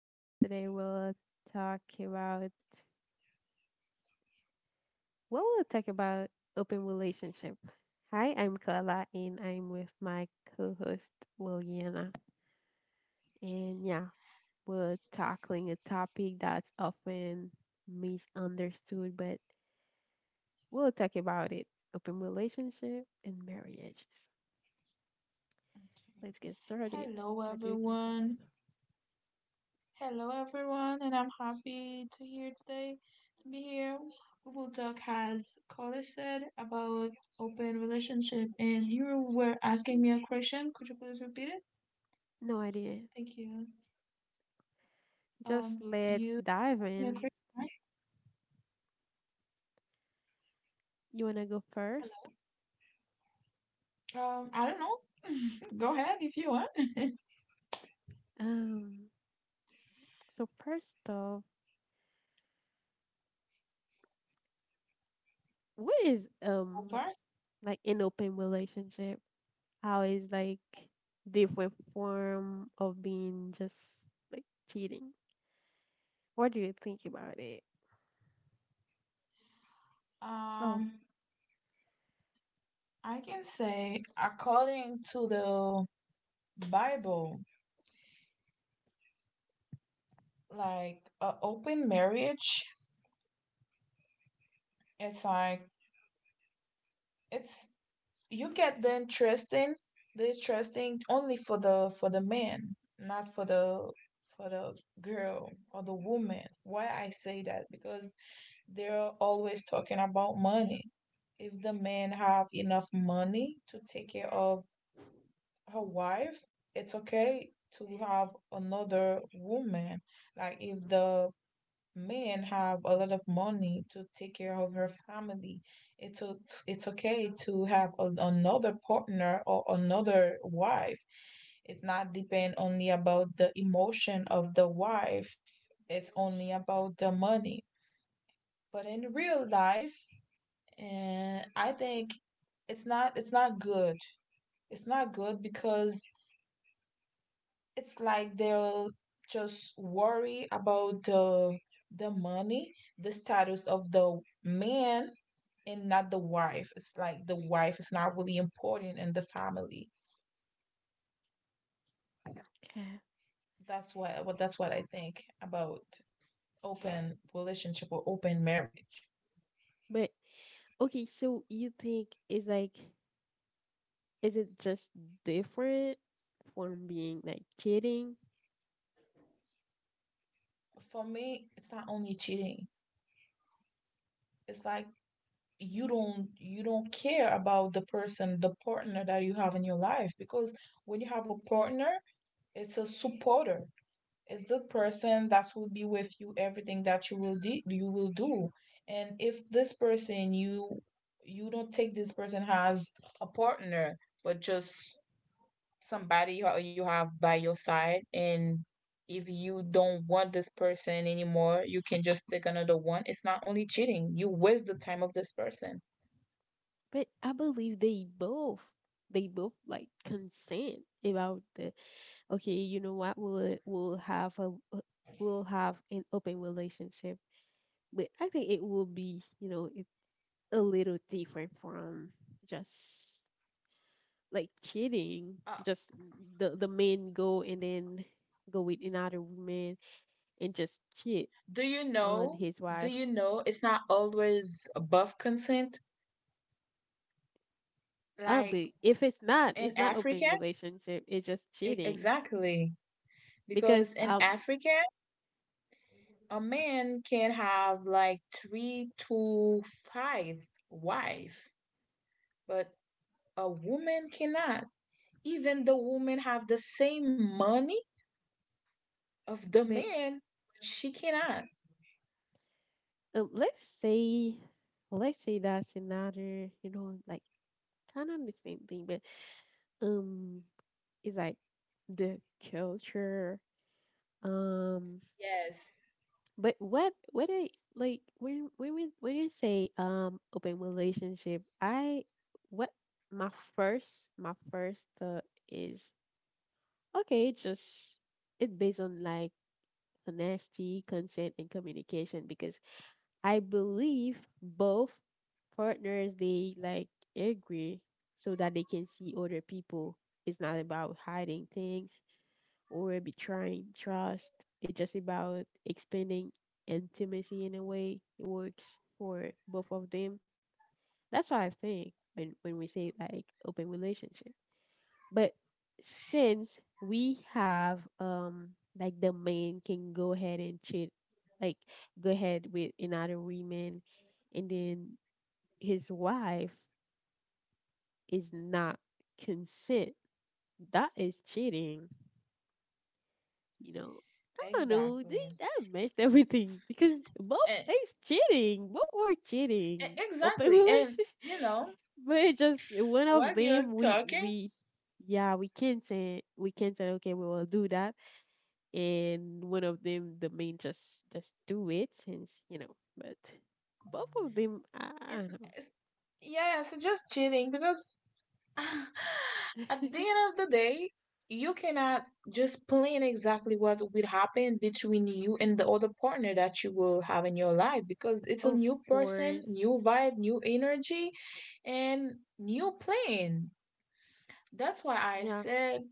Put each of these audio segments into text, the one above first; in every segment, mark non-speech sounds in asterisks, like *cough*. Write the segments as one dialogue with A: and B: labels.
A: So today we'll talk about, well we'll talk about open relationship. Hi, I'm Carla and I'm with my co-host Williana. And yeah, we're tackling a topic that's often misunderstood, but we'll talk about it. Open relationship and marriages. Let's get started.
B: Hello,
A: What do you think,
B: everyone.
A: Williana?
B: Hello, everyone, and I'm happy to here today to be here. We will talk, as Carla said, about open relationship. And you were asking me a question. Could you please repeat it?
A: No idea.
B: Thank you.
A: Just let's
B: You
A: dive
B: asked me a
A: in.
B: question, right?
A: You wanna go first?
B: Hello. I don't know. *laughs* Go ahead if you want.
A: Um, so first off, what is
B: Go first.
A: like an open relationship? How is different form of being just like cheating? What do you think about it? Oh,
B: Um, I can say according to the Bible, like a open marriage. It's like it's you get the interesting only for the man, not for the girl or the woman. Why I say that? Because they're always talking about money. If the man have enough money to take care of her wife, it's okay to have another woman. Like if the men have a lot of money to take care of her family. It's o- it's okay to have another partner or another wife. It's not depend only about the emotion of the wife. It's only about the money. But in real life, and I think it's not good. It's not good because it's like they'll just worry about the money, the status of the man and not the wife. It's like the wife is not really important in the family.
A: okay.
B: That's what well, that's what I think about open relationship or open marriage.
A: But Okay, so you think is like, is it just different from being like cheating?
B: For me, it's not only cheating. It's like you don't care about the person, the partner that you have in your life, because when you have a partner, it's a supporter. Is the person that will be with you everything that you will do. And if this person you don't take this person as a partner, but just somebody you have by your side. And if you don't want this person anymore, you can just take another one. It's not only cheating, you waste the time of this person.
A: But I believe they both, like consent about the, okay, you know what, we'll have a a- we'll have an open relationship. But I think it will be, you know, it's a little different from just like cheating,
B: uh,
A: just the men go and then go with another woman and just cheat
B: do you
A: on
B: know
A: his
B: do
A: wife.
B: you know it's not always above consent,
A: Oh,
B: like
A: but if it's not,
B: in
A: it's not
B: Africa.
A: open relationship. It's just
B: E-
A: cheating
B: exactly
A: because
B: because in Africa a man can have like three to five wife, but a woman cannot. Even the woman have the same money of the
A: but
B: man, but she cannot.
A: let's say, let's say that's another, you know, like kind of the same thing, but um, it's like the culture. Um,
B: Yes,
A: but what I, like when we when you say open relationship, I, what my first my first thought is, okay, just it based on like honesty, consent, and communication, because I believe both partners they like agree so that they can see other people. It's not about hiding things or betraying trust. It's just about expanding intimacy in a way. It works for both of them. That's what I think when we say like open relationship. But since we have like the man can go ahead and cheat, like go ahead with another woman, and then his wife is not consent. That is cheating. You know, I don't know.
B: exactly.
A: That messed everything because both
B: And,
A: is cheating. Both were cheating. Open
B: exactly. And
A: relationship,
B: you know
A: *laughs* but it just one of
B: what
A: them,
B: you're talking?
A: we yeah we consent. We consent. Okay, we will do that and one of them the main just do it since you know. But both of them, I
B: It's,
A: don't know.
B: it's yeah, it's just cheating because *laughs* at the
A: *laughs*
B: end of the day, you cannot just plan exactly what will happen between you and the other partner that you will have in your life, because it's a
A: Of
B: new person,
A: course.
B: new vibe, new energy, and new plan. That's why I
A: Yeah.
B: said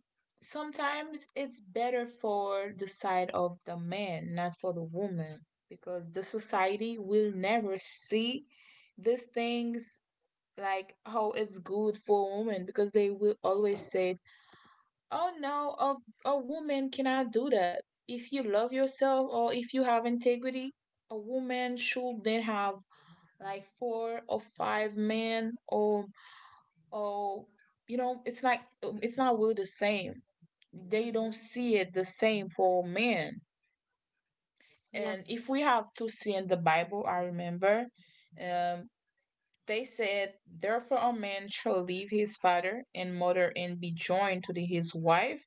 B: sometimes it's better for the side of the man, not for the woman, because the society will never see these things like how it's good for a woman, because they will always say, "Oh no, a woman cannot do that." If you love yourself or if you have integrity, a woman shouldn't have like four or five men or oh, you know, it's not it's not really the same. They don't see it the same for men.
A: Yeah.
B: And if we have to see in the Bible, I remember, um, they said, therefore a man shall leave his father and mother and be joined to his wife,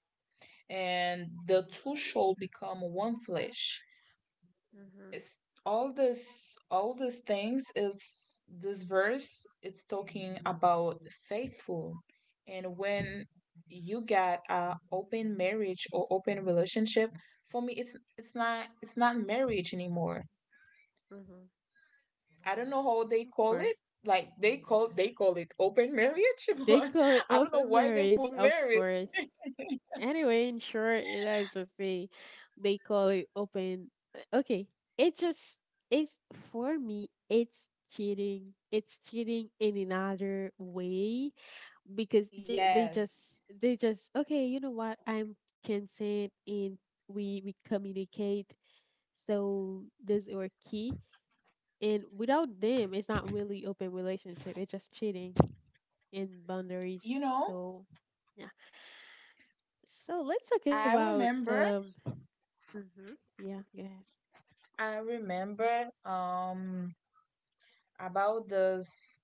B: and the two shall become one flesh.
A: Hmm.
B: It's all these things, is this verse it's talking about faithful. And when you got a open marriage or open relationship, for me it's not marriage anymore.
A: Hmm.
B: I don't know how they
A: Of
B: call
A: course.
B: it, like they call it open marriage *laughs*
A: This
B: but
A: is
B: I don't know
A: open
B: why they
A: marriage,
B: put
A: of
B: marriage.
A: course. Anyway, in short it's just say, they call it open, okay, it just, it's, for me it's cheating. It's cheating in another way, because they just,
B: Yes,
A: they just, okay, you know what, I'm consent and we communicate, so this is our key, and without them it's not really open relationship, it's just cheating. And boundaries.
B: you know
A: So yeah, so let's talk
B: i
A: about
B: remember
A: um hmm, yeah, go ahead.
B: I remember about this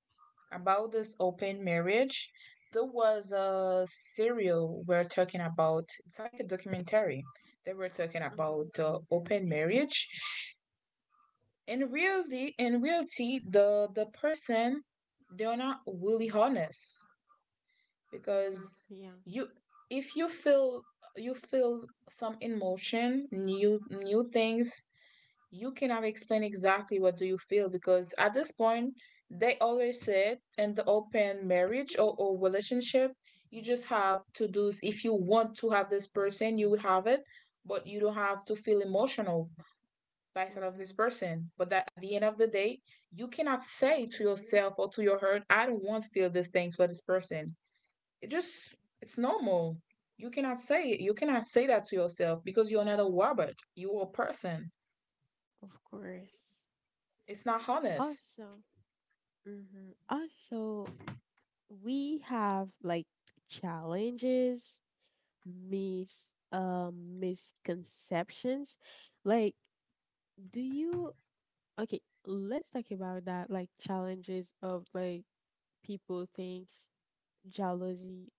B: about this open marriage. There was a serial we're talking about. It's like a documentary that we're talking
A: Mm-hmm.
B: about open marriage. In reality, the person, they're not really honest,
A: Mm-hmm.
B: because
A: Yeah.
B: you if you feel some emotion, new things, you cannot explain exactly what do you feel. Because at this point they always said in the open marriage or relationship, you just have to do. If you want to have this person you will have it, but you don't have to feel emotional by side of
A: Mm-hmm.
B: this person. But that at the end of the day, you cannot say to yourself or to your heart, I don't want to feel these things for this person. it just it's normal. You cannot say that to yourself, because you're not a robot, you're a person.
A: Of course.
B: It's not
A: Also,
B: honest.
A: hmm, also, we have like challenges, misconceptions, like, do you, okay, let's talk about that like challenges of like, people thinks jealousy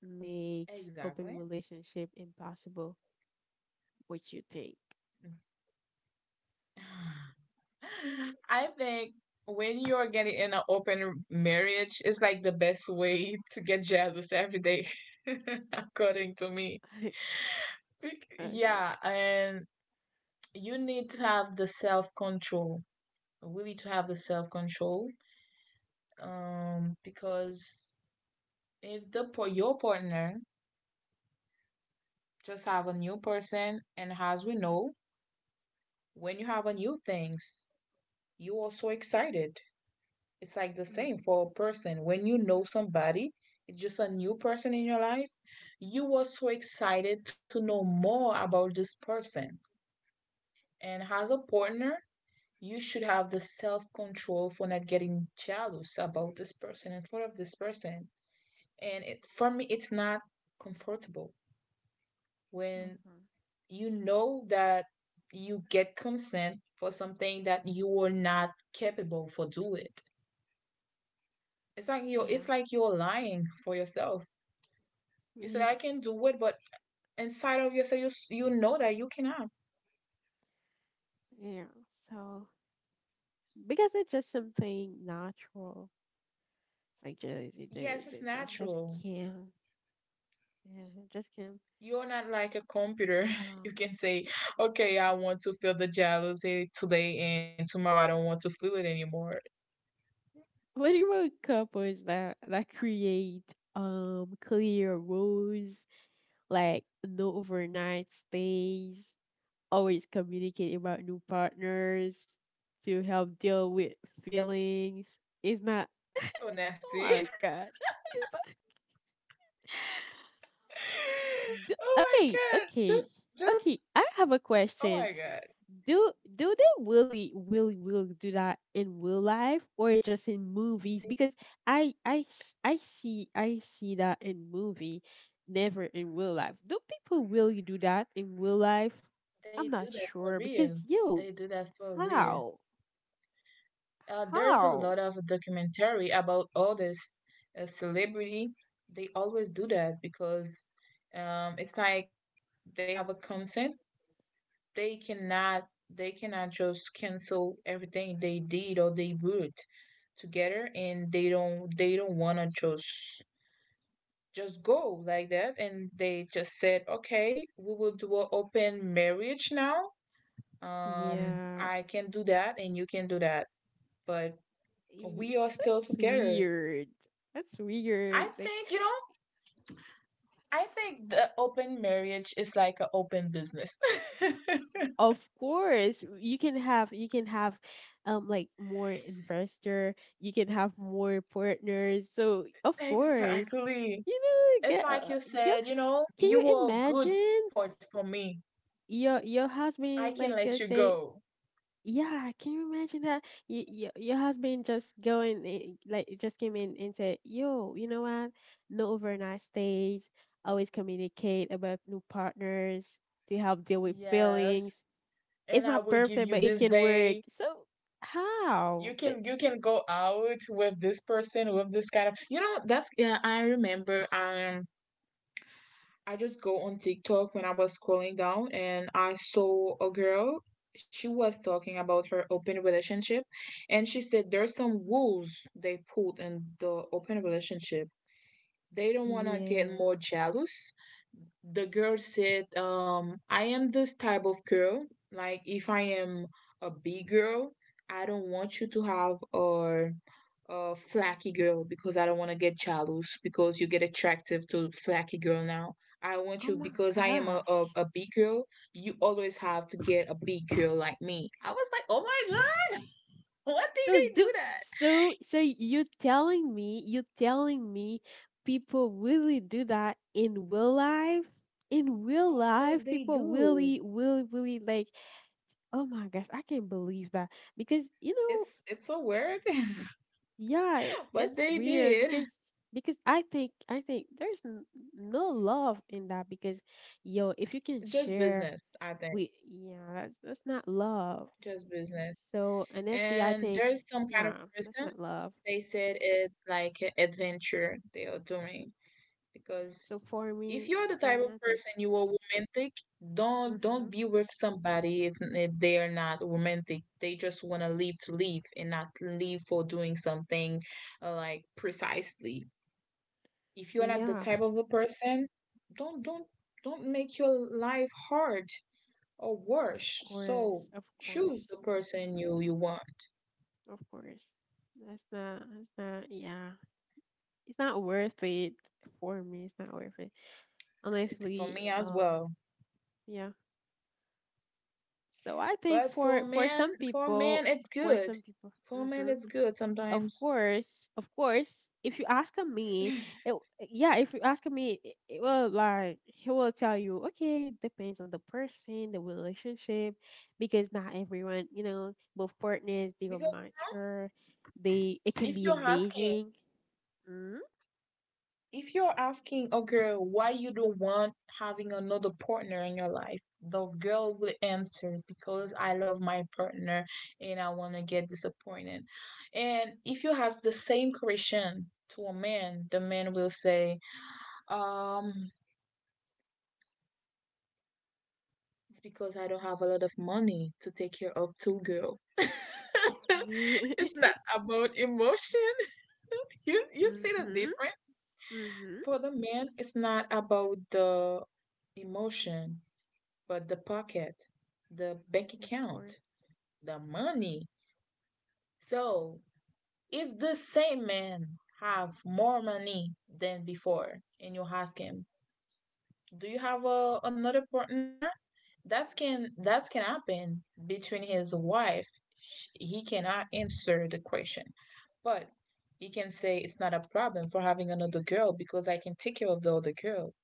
A: makes open
B: Exactly.
A: relationship impossible. What you think?
B: *sighs* *laughs* I think when you're getting in an open marriage, it's like the best way to get jealous every day, *laughs* according to me.
A: *laughs* Okay.
B: Yeah, and you need to have the self control, really, to have the self control, because if your partner just have a new person, and as we know when you have a new things you are so excited. It's like the
A: Mm-hmm.
B: same for a person when you know somebody. It's just a new person in your life, you are so excited to know more about this person. And as a partner you should have the self control for not getting jealous about this person in front of this person. And for me it's not comfortable when
A: Mm-hmm.
B: you know that you get consent for something that you were not capable for do it. It's like you
A: Yeah.
B: it's like you're lying for yourself.
A: *laughs*
B: You said
A: Yeah.
B: I can do it, but inside of yourself, you know that you cannot.
A: Yeah. So because it's just something natural, like jealousy they,
B: Yes, it's
A: they just
B: natural.
A: can't, yeah I just can't.
B: You're not like a computer. *laughs*
A: Um,
B: You can say, okay, I want to feel the jealousy today, and tomorrow I don't want to feel it anymore.
A: what about couples that create clear rules, like no overnight stays, always communicate about new partners to help deal with feelings? It's not. *laughs*
B: So
A: Oh
B: nasty.
A: my God. *laughs* It's not- d-
B: *laughs* Oh my
A: Okay,
B: god.
A: okay. I have a
B: Oh
A: question.
B: my god.
A: Do they really, really do that in real life or just in movies?
B: They,
A: Because I see, that in movie, never in real life. Do people really do that in real life?
B: they
A: I'm
B: do
A: not
B: that for
A: sure because
B: real.
A: you,
B: They do that for real.
A: how
B: There's a
A: how,
B: lot of documentary about all this celebrity. They always do that because it's like they have a consent. They cannot. They cannot just cancel everything they did or they would together, and they don't. They don't wanna just go like that. And they just said, okay, we will do an open marriage now.
A: yeah,
B: I can do that, and you can do that, but
A: y-
B: we are still
A: that's
B: together.
A: weird. That's
B: I
A: weird. Like,
B: think, you know, I think the open marriage is like an open business. *laughs*
A: of course, you can have like more investor, you can have more partners. So of course,
B: Exactly.
A: you know,
B: It's
A: yeah,
B: like you
A: you,
B: said,
A: can
B: you
A: you
B: were a good
A: imagine
B: port for me.
A: your
B: I
A: husband
B: can
A: like
B: let you
A: say,
B: go.
A: yeah, can you imagine that, Y your husband just go going like just came in and said, yo, you know what? No overnight stays. Always communicate about new partners to help deal with feelings.
B: Yes. And
A: It's
B: I
A: not
B: will give
A: perfect,
B: you
A: but it
B: this
A: can work.
B: day.
A: So
B: You
A: how? But
B: can you can go out with this person, with this kind of that's yeah, I remember I just go on TikTok when I was scrolling down and I saw a girl. She was talking about her open relationship, and she said there's some rules they put in the open relationship. They don't
A: yeah.
B: want to get more jealous. The girl said, I am this type of girl. Like, if I am a big girl, I don't want you to have a flaky girl, because I don't want to get jealous because you get attractive to flaky girl now. I want
A: Oh
B: you
A: my
B: because I am a,
A: god.
B: a, a big girl. You always have to get a big girl like me. I was like, oh my god, *laughs* what did
A: So
B: they do
A: do,
B: that?
A: so you telling me, people really do that in real life? In real
B: Of course
A: life,
B: they
A: people
B: do.
A: really, really, like, oh my gosh, I can't believe that. Because you know,
B: It's so weird,
A: yeah,
B: *laughs* but
A: it's
B: they
A: weird
B: did.
A: because I think, there's no love in that, because yo, if you can
B: Just
A: share,
B: business, I think.
A: we, yeah, that's not love.
B: Just business.
A: So and that's the, I think,
B: And there's some kind of
A: yeah, that's
B: person,
A: not love.
B: they said it's like an adventure they are doing, because
A: So for
B: if
A: me,
B: you're the type of
A: I think.
B: person you are romantic, don't
A: Mm-hmm.
B: don't be with somebody if they are not romantic. They just want to leave and not leave for doing something like precisely. If you're not the
A: Yeah,
B: type of a person, don't don't don't make your life hard or
A: of
B: worse.
A: course,
B: So choose the person you want.
A: of course. That's not. That's not. Yeah, it's not worth it for me. It's not worth it.
B: For
A: Honestly,
B: me as well.
A: yeah. So I think
B: But
A: for some
B: for
A: people,
B: men, it's
A: for
B: good.
A: some people.
B: For men,
A: Mm-hmm.
B: it's good
A: Of
B: sometimes.
A: course, of course. If you ask a man,
B: *laughs*
A: oh, yeah, if you ask a man, it will like he will tell you, okay, depends on the person, the relationship, because not everyone, you know, both partners they are
B: Because
A: mature. They it can
B: If
A: be
B: you're asking
A: amazing. Mm-hmm.
B: A girl why you don't want having another partner in your life, the girl will answer because I love my partner and I want to get disappointed. And if you ask the same question to a man, the man will say, um, it's because I don't have a lot of money to take care of two girls. *laughs* It's not about emotion. *laughs* You see the
A: Mm-hmm.
B: difference?
A: Mm-hmm. *laughs*
B: For the man, it's not about the emotion, but the pocket, the bank
A: Of course.
B: account, the money. So if the same man have more money than before, and you ask him, "Do you have another partner?" That can happen between his wife. He cannot answer the question, but he can say it's not a problem for having another girl because I can take care of the other girl,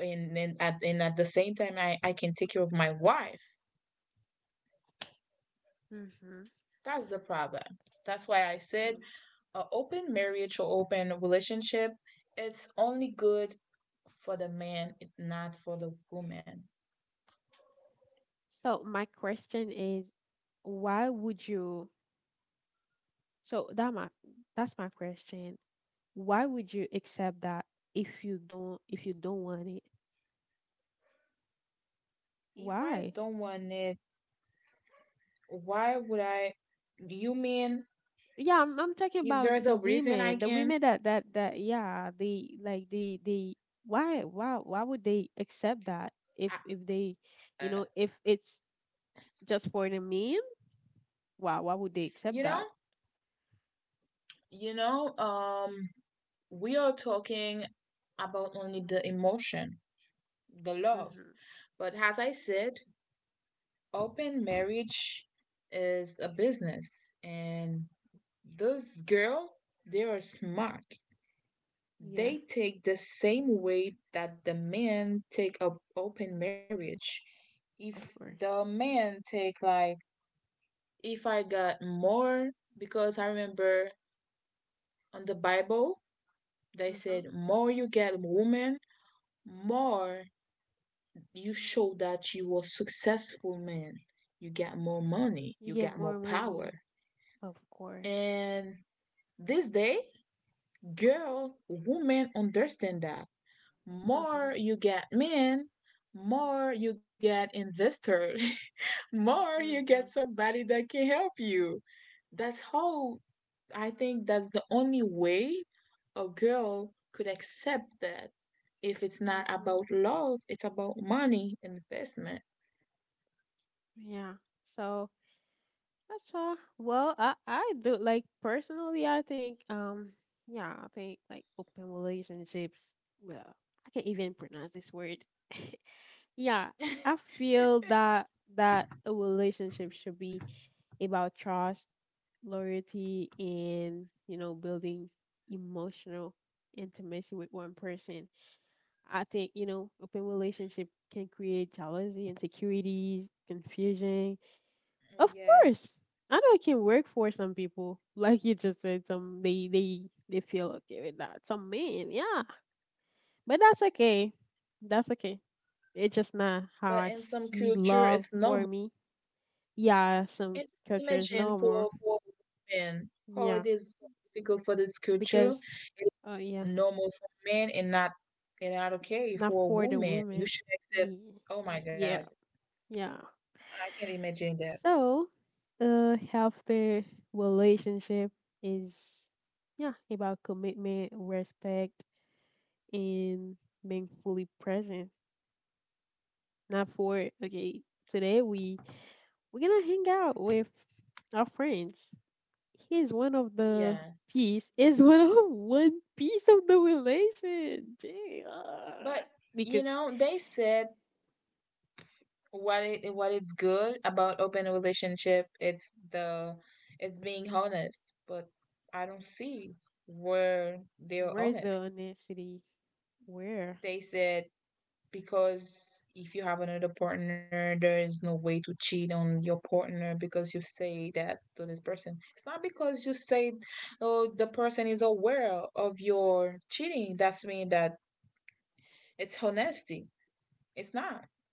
B: and then at the same time I can take care of my wife.
A: Mm-hmm.
B: That's the problem. That's why I
A: Yeah.
B: said an open marriage or open relationship, it's only good for the man, it- not for the woman.
A: So my question is, why would you? So that my that's my question. Why would you accept that if you don't, want it,
B: If I
A: why?
B: don't want it, why would I? You mean
A: Yeah, I'm talking
B: if
A: about
B: there's
A: the
B: a reason
A: women,
B: I
A: the
B: can,
A: women that yeah, they like they, why would they accept that, if
B: I,
A: they,
B: uh,
A: you know, if it's just for the meme, why would they
B: you
A: accept
B: know?
A: that?
B: You know, um, we are talking about only the emotion, the love.
A: Mm-hmm.
B: But as I said, open marriage is a business, and those girls they are smart.
A: Yeah,
B: They take the same way that the men take up open marriage. If
A: of course.
B: the men take like, if I got more, because I remember on the Bible they
A: Mm-hmm.
B: said, more you get woman, more you show that you are successful man, you get more money,
A: You
B: you
A: get
B: get
A: more
B: more
A: money,
B: power.
A: of course.
B: And this day girl women understand that
A: Mm-hmm.
B: more you get men, more you get investor, *laughs* more you
A: Mm-hmm.
B: get somebody that can help you. That's how I think that's the only way a girl could accept that if it's not
A: Mm-hmm.
B: about love, it's about money investment.
A: Yeah. So that's all. Well, I do like, personally. I think yeah, I think like open relationships. Well, I can't even pronounce this word. *laughs* Yeah, I feel that a relationship should be about trust, loyalty, and you know building emotional intimacy with one person. I think you know open relationship can create jealousy, insecurities, confusion, of
B: Yes,
A: course. I know it can work for some people. Like you just said, some they they feel okay with that. Some men, yeah. But that's okay. That's okay. It's just not how
B: but
A: I
B: in some
A: see
B: culture,
A: love
B: it's
A: for
B: normal.
A: me. Yeah, some
B: And
A: cultures
B: imagine
A: no more.
B: for women how
A: Yeah.
B: it is so difficult for this culture.
A: Because
B: It's
A: oh yeah.
B: normal for men and not okay
A: Not
B: for a
A: for the
B: woman. You
A: women.
B: should accept.
A: Ye-
B: Oh my God,
A: Yeah. Yeah.
B: I can't imagine that.
A: So a healthy relationship is, yeah, about commitment, respect, and being fully present. Not for, okay, today we're gonna hang out with our friends. He's one of the
B: Yeah,
A: piece is one of *laughs* one piece of the relation. Gee, ah.
B: but
A: Because
B: you know, they said what it what is good about open relationship. It's the it's being honest, but I don't see where they're
A: where's the
B: honest.
A: honesty? Where?
B: They said because if you have another partner, there is no way to cheat on your partner because you say that to this person. It's not because you say, oh, the person is aware of your cheating. That's mean that it's honesty. It's not.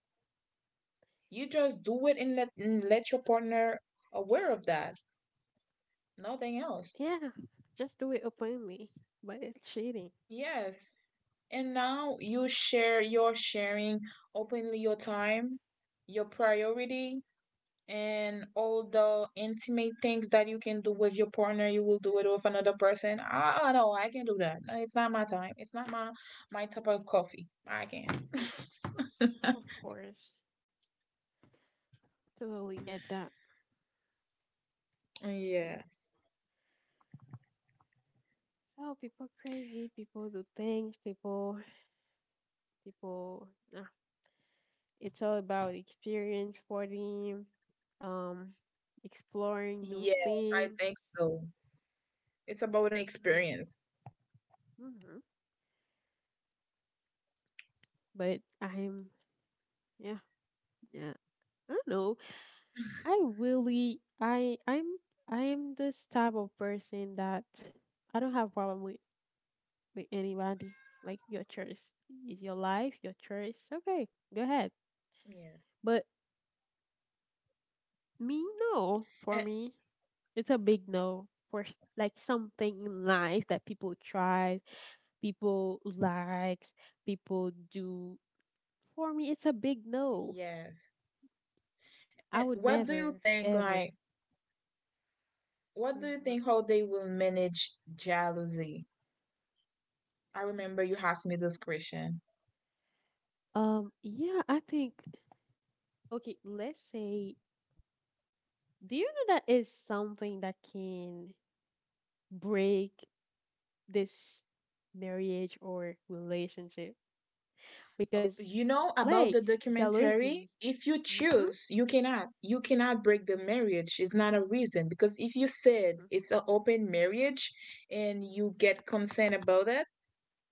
B: You just do it and let your partner aware of that. Nothing else.
A: Yeah, just do it openly. But it's cheating,
B: Yes. And now you share. You're sharing openly your time, your priority, and all the intimate things that you can do with your partner you will do it with another person. I oh, no, I can not do that. No, it's not my time, it's not my my type of coffee I can.
A: of course. Totally get that.
B: *laughs* Yes,
A: Oh, people crazy. People do things. People, people. I It's all about experience for them, um, exploring new
B: yes, I
A: things.
B: think so, it's about an
A: Yeah.
B: experience.
A: Hmm. But yeah, yeah. I don't know. I really, I, I'm, I'm this type of person that I don't have problem with anybody. Like your choice is your life, your choice. Okay, go ahead.
B: Yes,
A: But me, no. For
B: and,
A: me, it's a big no for like something in life that people try, people likes, people do. For me, it's a big no.
B: yes,
A: I
B: and
A: would
B: what do you
A: never,
B: think
A: ever.
B: like what do you
A: Mm-hmm.
B: think how they will manage jealousy? I remember you asked me this question.
A: Yeah, I think, okay, let's say, do you know that is something that can break this marriage or relationship? Because,
B: You know about
A: like,
B: the documentary?
A: jealousy.
B: If you
A: Mm-hmm.
B: choose, you cannot. You cannot break the marriage. It's not a reason because if you said it's an open marriage and you get consent about it,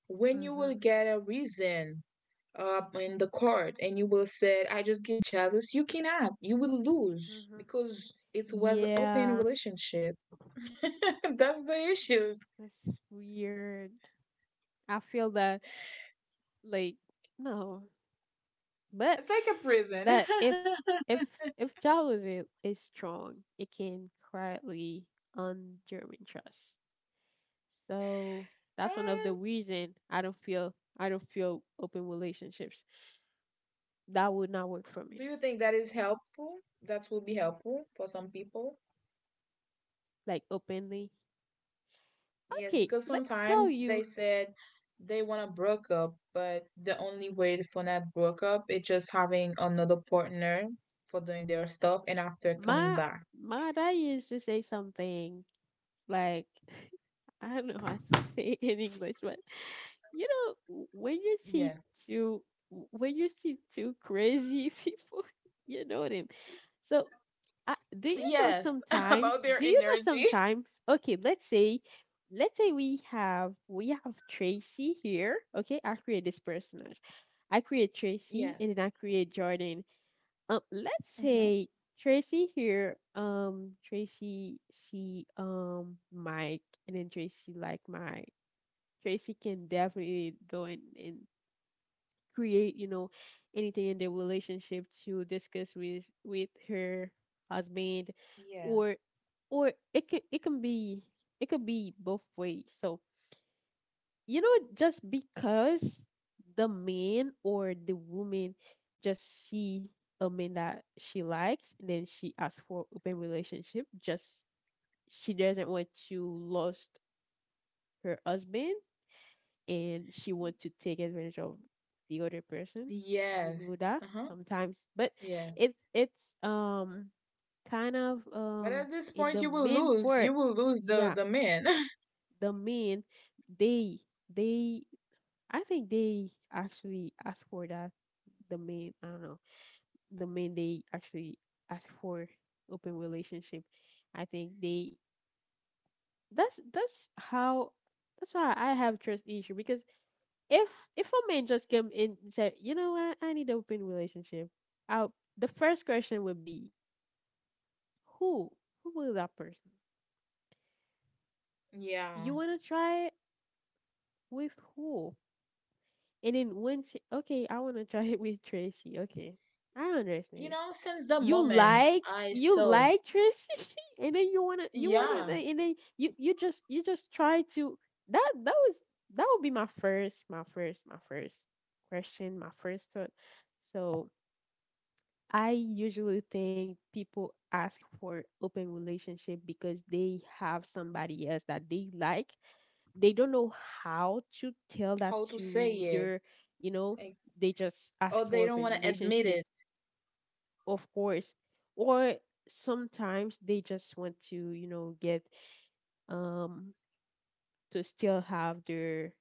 B: when you will
A: Mm-hmm.
B: get a reason in the court and you will said I just get jealous, you cannot, you will lose
A: Mm-hmm.
B: because it was open
A: Yeah,
B: relationship. *laughs* That's the issues.
A: it's weird. I feel that, like, no. But
B: It's like a prison.
A: that if
B: *laughs*
A: if if jealousy is is strong, it can quietly undermine trust. So that's one of the
B: Uh,
A: reason I don't feel, open relationships. That would not work for
B: do
A: me.
B: you think that is helpful, that will be helpful for some people?
A: Like openly.
B: Yes,
A: Okay,
B: because
A: let me tell
B: sometimes they
A: you,
B: said they want to broke up but the only way for not broke up is just having another partner for doing their stuff and after coming
A: my
B: back.
A: my dad used to say something like, *laughs* I don't know how to say it in English, but you know when you
B: Yeah.
A: see two, crazy *laughs* people, you know them. So do you know
B: Yes, *laughs* about
A: sometimes,
B: their energy.
A: okay let's say, we have, tracy here, okay, I create this personage, I create tracy and
B: Yes.
A: then I create jordan. Let's
B: Hmm.
A: say tracy here, tracy see mike, and then tracy like my, Tracy can definitely go and, create, you know, anything in the relationship to discuss with her husband,
B: Yeah.
A: or, it can, be, it could be both ways. So, you know, just because the man or the woman just see a man that she likes and then she asks for open relationship, just she doesn't want to lost her husband and she want to take advantage of the other person. You
B: Yes.
A: know that
B: Uh-huh.
A: sometimes, but
B: Yeah.
A: it's um kind of
B: But at this
A: in
B: point
A: the
B: you will
A: main
B: lose. You
A: part.
B: will lose the
A: Yeah,
B: the men. *laughs*
A: the men they they, I think they actually ask for that. The main, I don't know, the men they actually ask for open relationship. I think they, that's how, that's why I have trust issue, because if a man just come in and say, you know what, I need an open relationship, I'll, the first question would be, who? Who will that person?
B: Yeah.
A: You wanna try it with who? And then once, okay, I wanna try it with Tracy. Okay, I
B: You
A: understand.
B: know, since the
A: You
B: moment
A: like,
B: I saw,
A: Tracy, *laughs* and then you wanna,
B: yeah,
A: then- and then you just, try to, that that was that would be my first, question, my first thought. So I usually think people ask for open relationship because they have somebody else that they like. They don't know how to tell that
B: how to say
A: to
B: it.
A: their, you know,
B: Like,
A: they just ask
B: oh,
A: for
B: they don't
A: open
B: want to admit
A: relationship,
B: it.
A: of course. Or sometimes they just want to, you know, get um to still have their,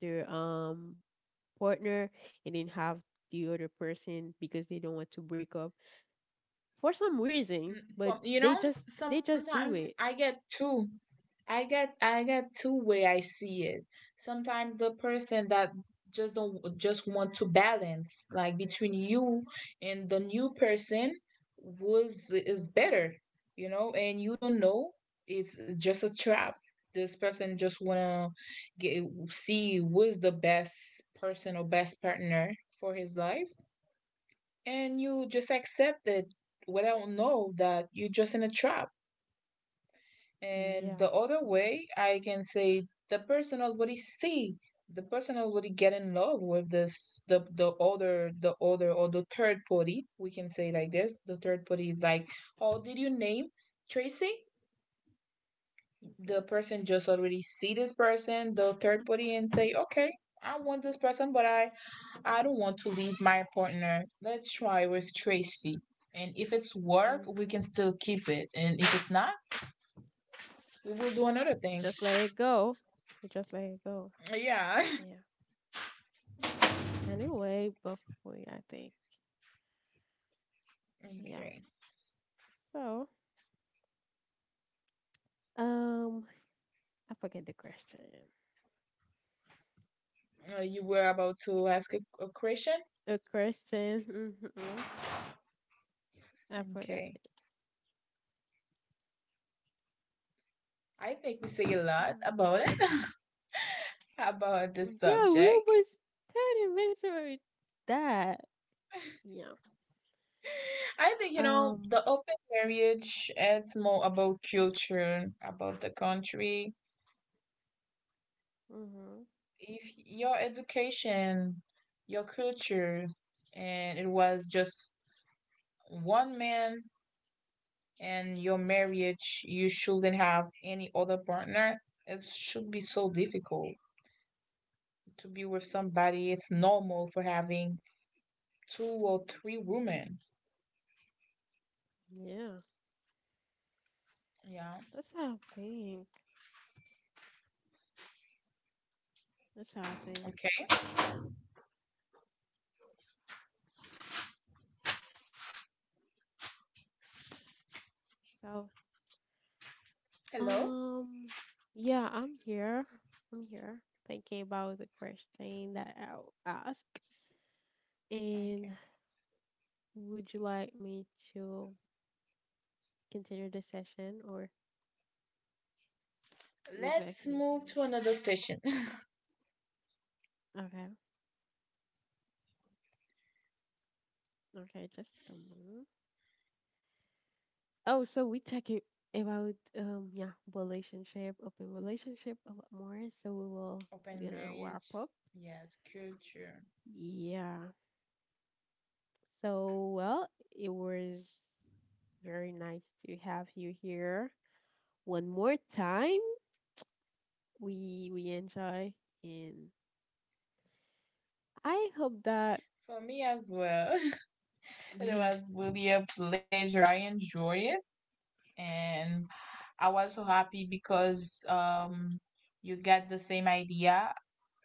A: their um partner, and then have the other person, because they don't want to break up for some reason,
B: Mm.
A: but
B: From
A: they
B: you
A: just,
B: know,
A: do
B: sometimes
A: it.
B: I get two. I get two way I see it. Sometimes the person that just don't just want to balance like between you and the new person was is
A: Mhm.
B: better, you know, and you don't know. It's just a trap. This person just wanna get see who's the best person or best partner for his life and you just accept it without know that you're just in a trap.
A: Yeah,
B: And
A: of
B: the other
A: course.
B: way, I can say the person already see the person already get in love with this the other the other or the third party. We can say like this: the third party is like, oh, did you name Tracy? The
A: Mhm.
B: person just already see this person, the third party, and say, okay, I want this person, but I don't want to leave my partner. Let's try with Tracy. And if it's work, we
A: Mhm.
B: can still keep it. And if it's not, we will do another
A: You
B: thing.
A: just let it go. You just let it go.
B: Yeah.
A: Yeah.
B: *laughs*
A: Anyway, before I think, yeah.
B: Okay.
A: So, um, I forget the question.
B: You were about to ask a question?
A: The question, mhm, I forgot
B: Okay.
A: it.
B: I think we say a lot
A: Mm.
B: about it, *laughs* about this
A: Yeah, we
B: subject.
A: almost 30 minutes already. That, yeah.
B: I think, you know, the
A: Um,
B: open marriage, it's more about culture, about the country,
A: mhm,
B: if your education, your culture, and it was just one man and your marriage, you shouldn't have any other partner. It should be so difficult to be with somebody. It's normal for having 2 or 3 women.
A: yeah.
B: Yeah.
A: That's how I think. That's how I think.
B: Okay.
A: So,
B: Hello.
A: um, yeah, I'm here. I'm here thinking about the question that I'll ask. And
B: Okay.
A: would you like me to continue the session or would you like to
B: Let's move
A: continue?
B: to another session. *laughs*
A: Okay, okay, just a moment. Oh, so we talking about yeah, relationship, open relationship a lot more. So
B: Open
A: we're gonna
B: marriage.
A: wrap up.
B: Yes, culture.
A: Yeah. So well, it was very nice to have you here one more time. We enjoy and I hope that,
B: For me as well. *laughs* It
A: yeah.
B: was really a pleasure. I enjoy it. And I was so happy because you get the same idea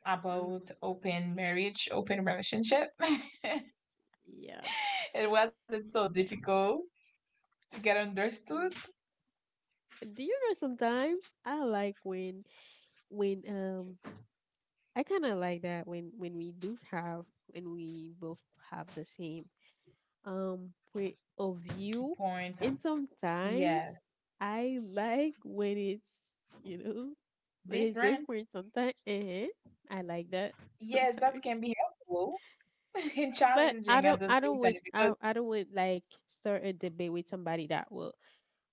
B: about
A: Mm,
B: open marriage, open relationship. *laughs*
A: yeah,
B: It wasn't so
A: definitely.
B: difficult to get understood.
A: Mm. Do you know sometimes I like when, when um I kind of like that when we do have, when we both have the same point of view.
B: Point.
A: And sometimes
B: Yes.
A: I like when it's, you know, when it's
B: Different.
A: different sometimes, uh, I like that
B: Yes, that
A: sometimes.
B: can be helpful *laughs* and
A: But I
B: challenging at
A: don't,
B: the same time because
A: I don't would like start a debate with somebody that will,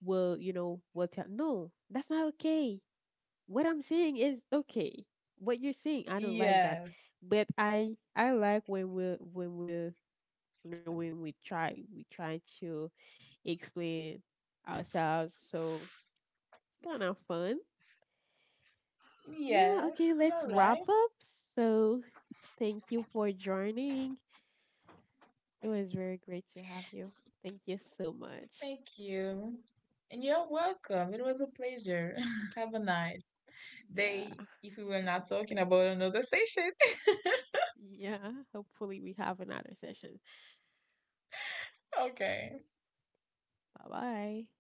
A: you know, will tell, no, that's not okay. What I'm saying is okay. What you're saying, I don't like that.
B: yes.
A: But I like when when we're, you know, when we try, to explain ourselves. So kind of fun. Yeah.
B: Yes,
A: Okay. Let's
B: you're
A: wrap
B: right.
A: up. So thank you for joining. It was very great to have you. Thank you so much.
B: Thank you. And you're welcome. It was a pleasure. *laughs* Have a nice
A: Yeah.
B: they if we were
A: Happy.
B: not talking about another session. *laughs*
A: Yeah. Hopefully, we have another session.
B: Okay.
A: Bye bye.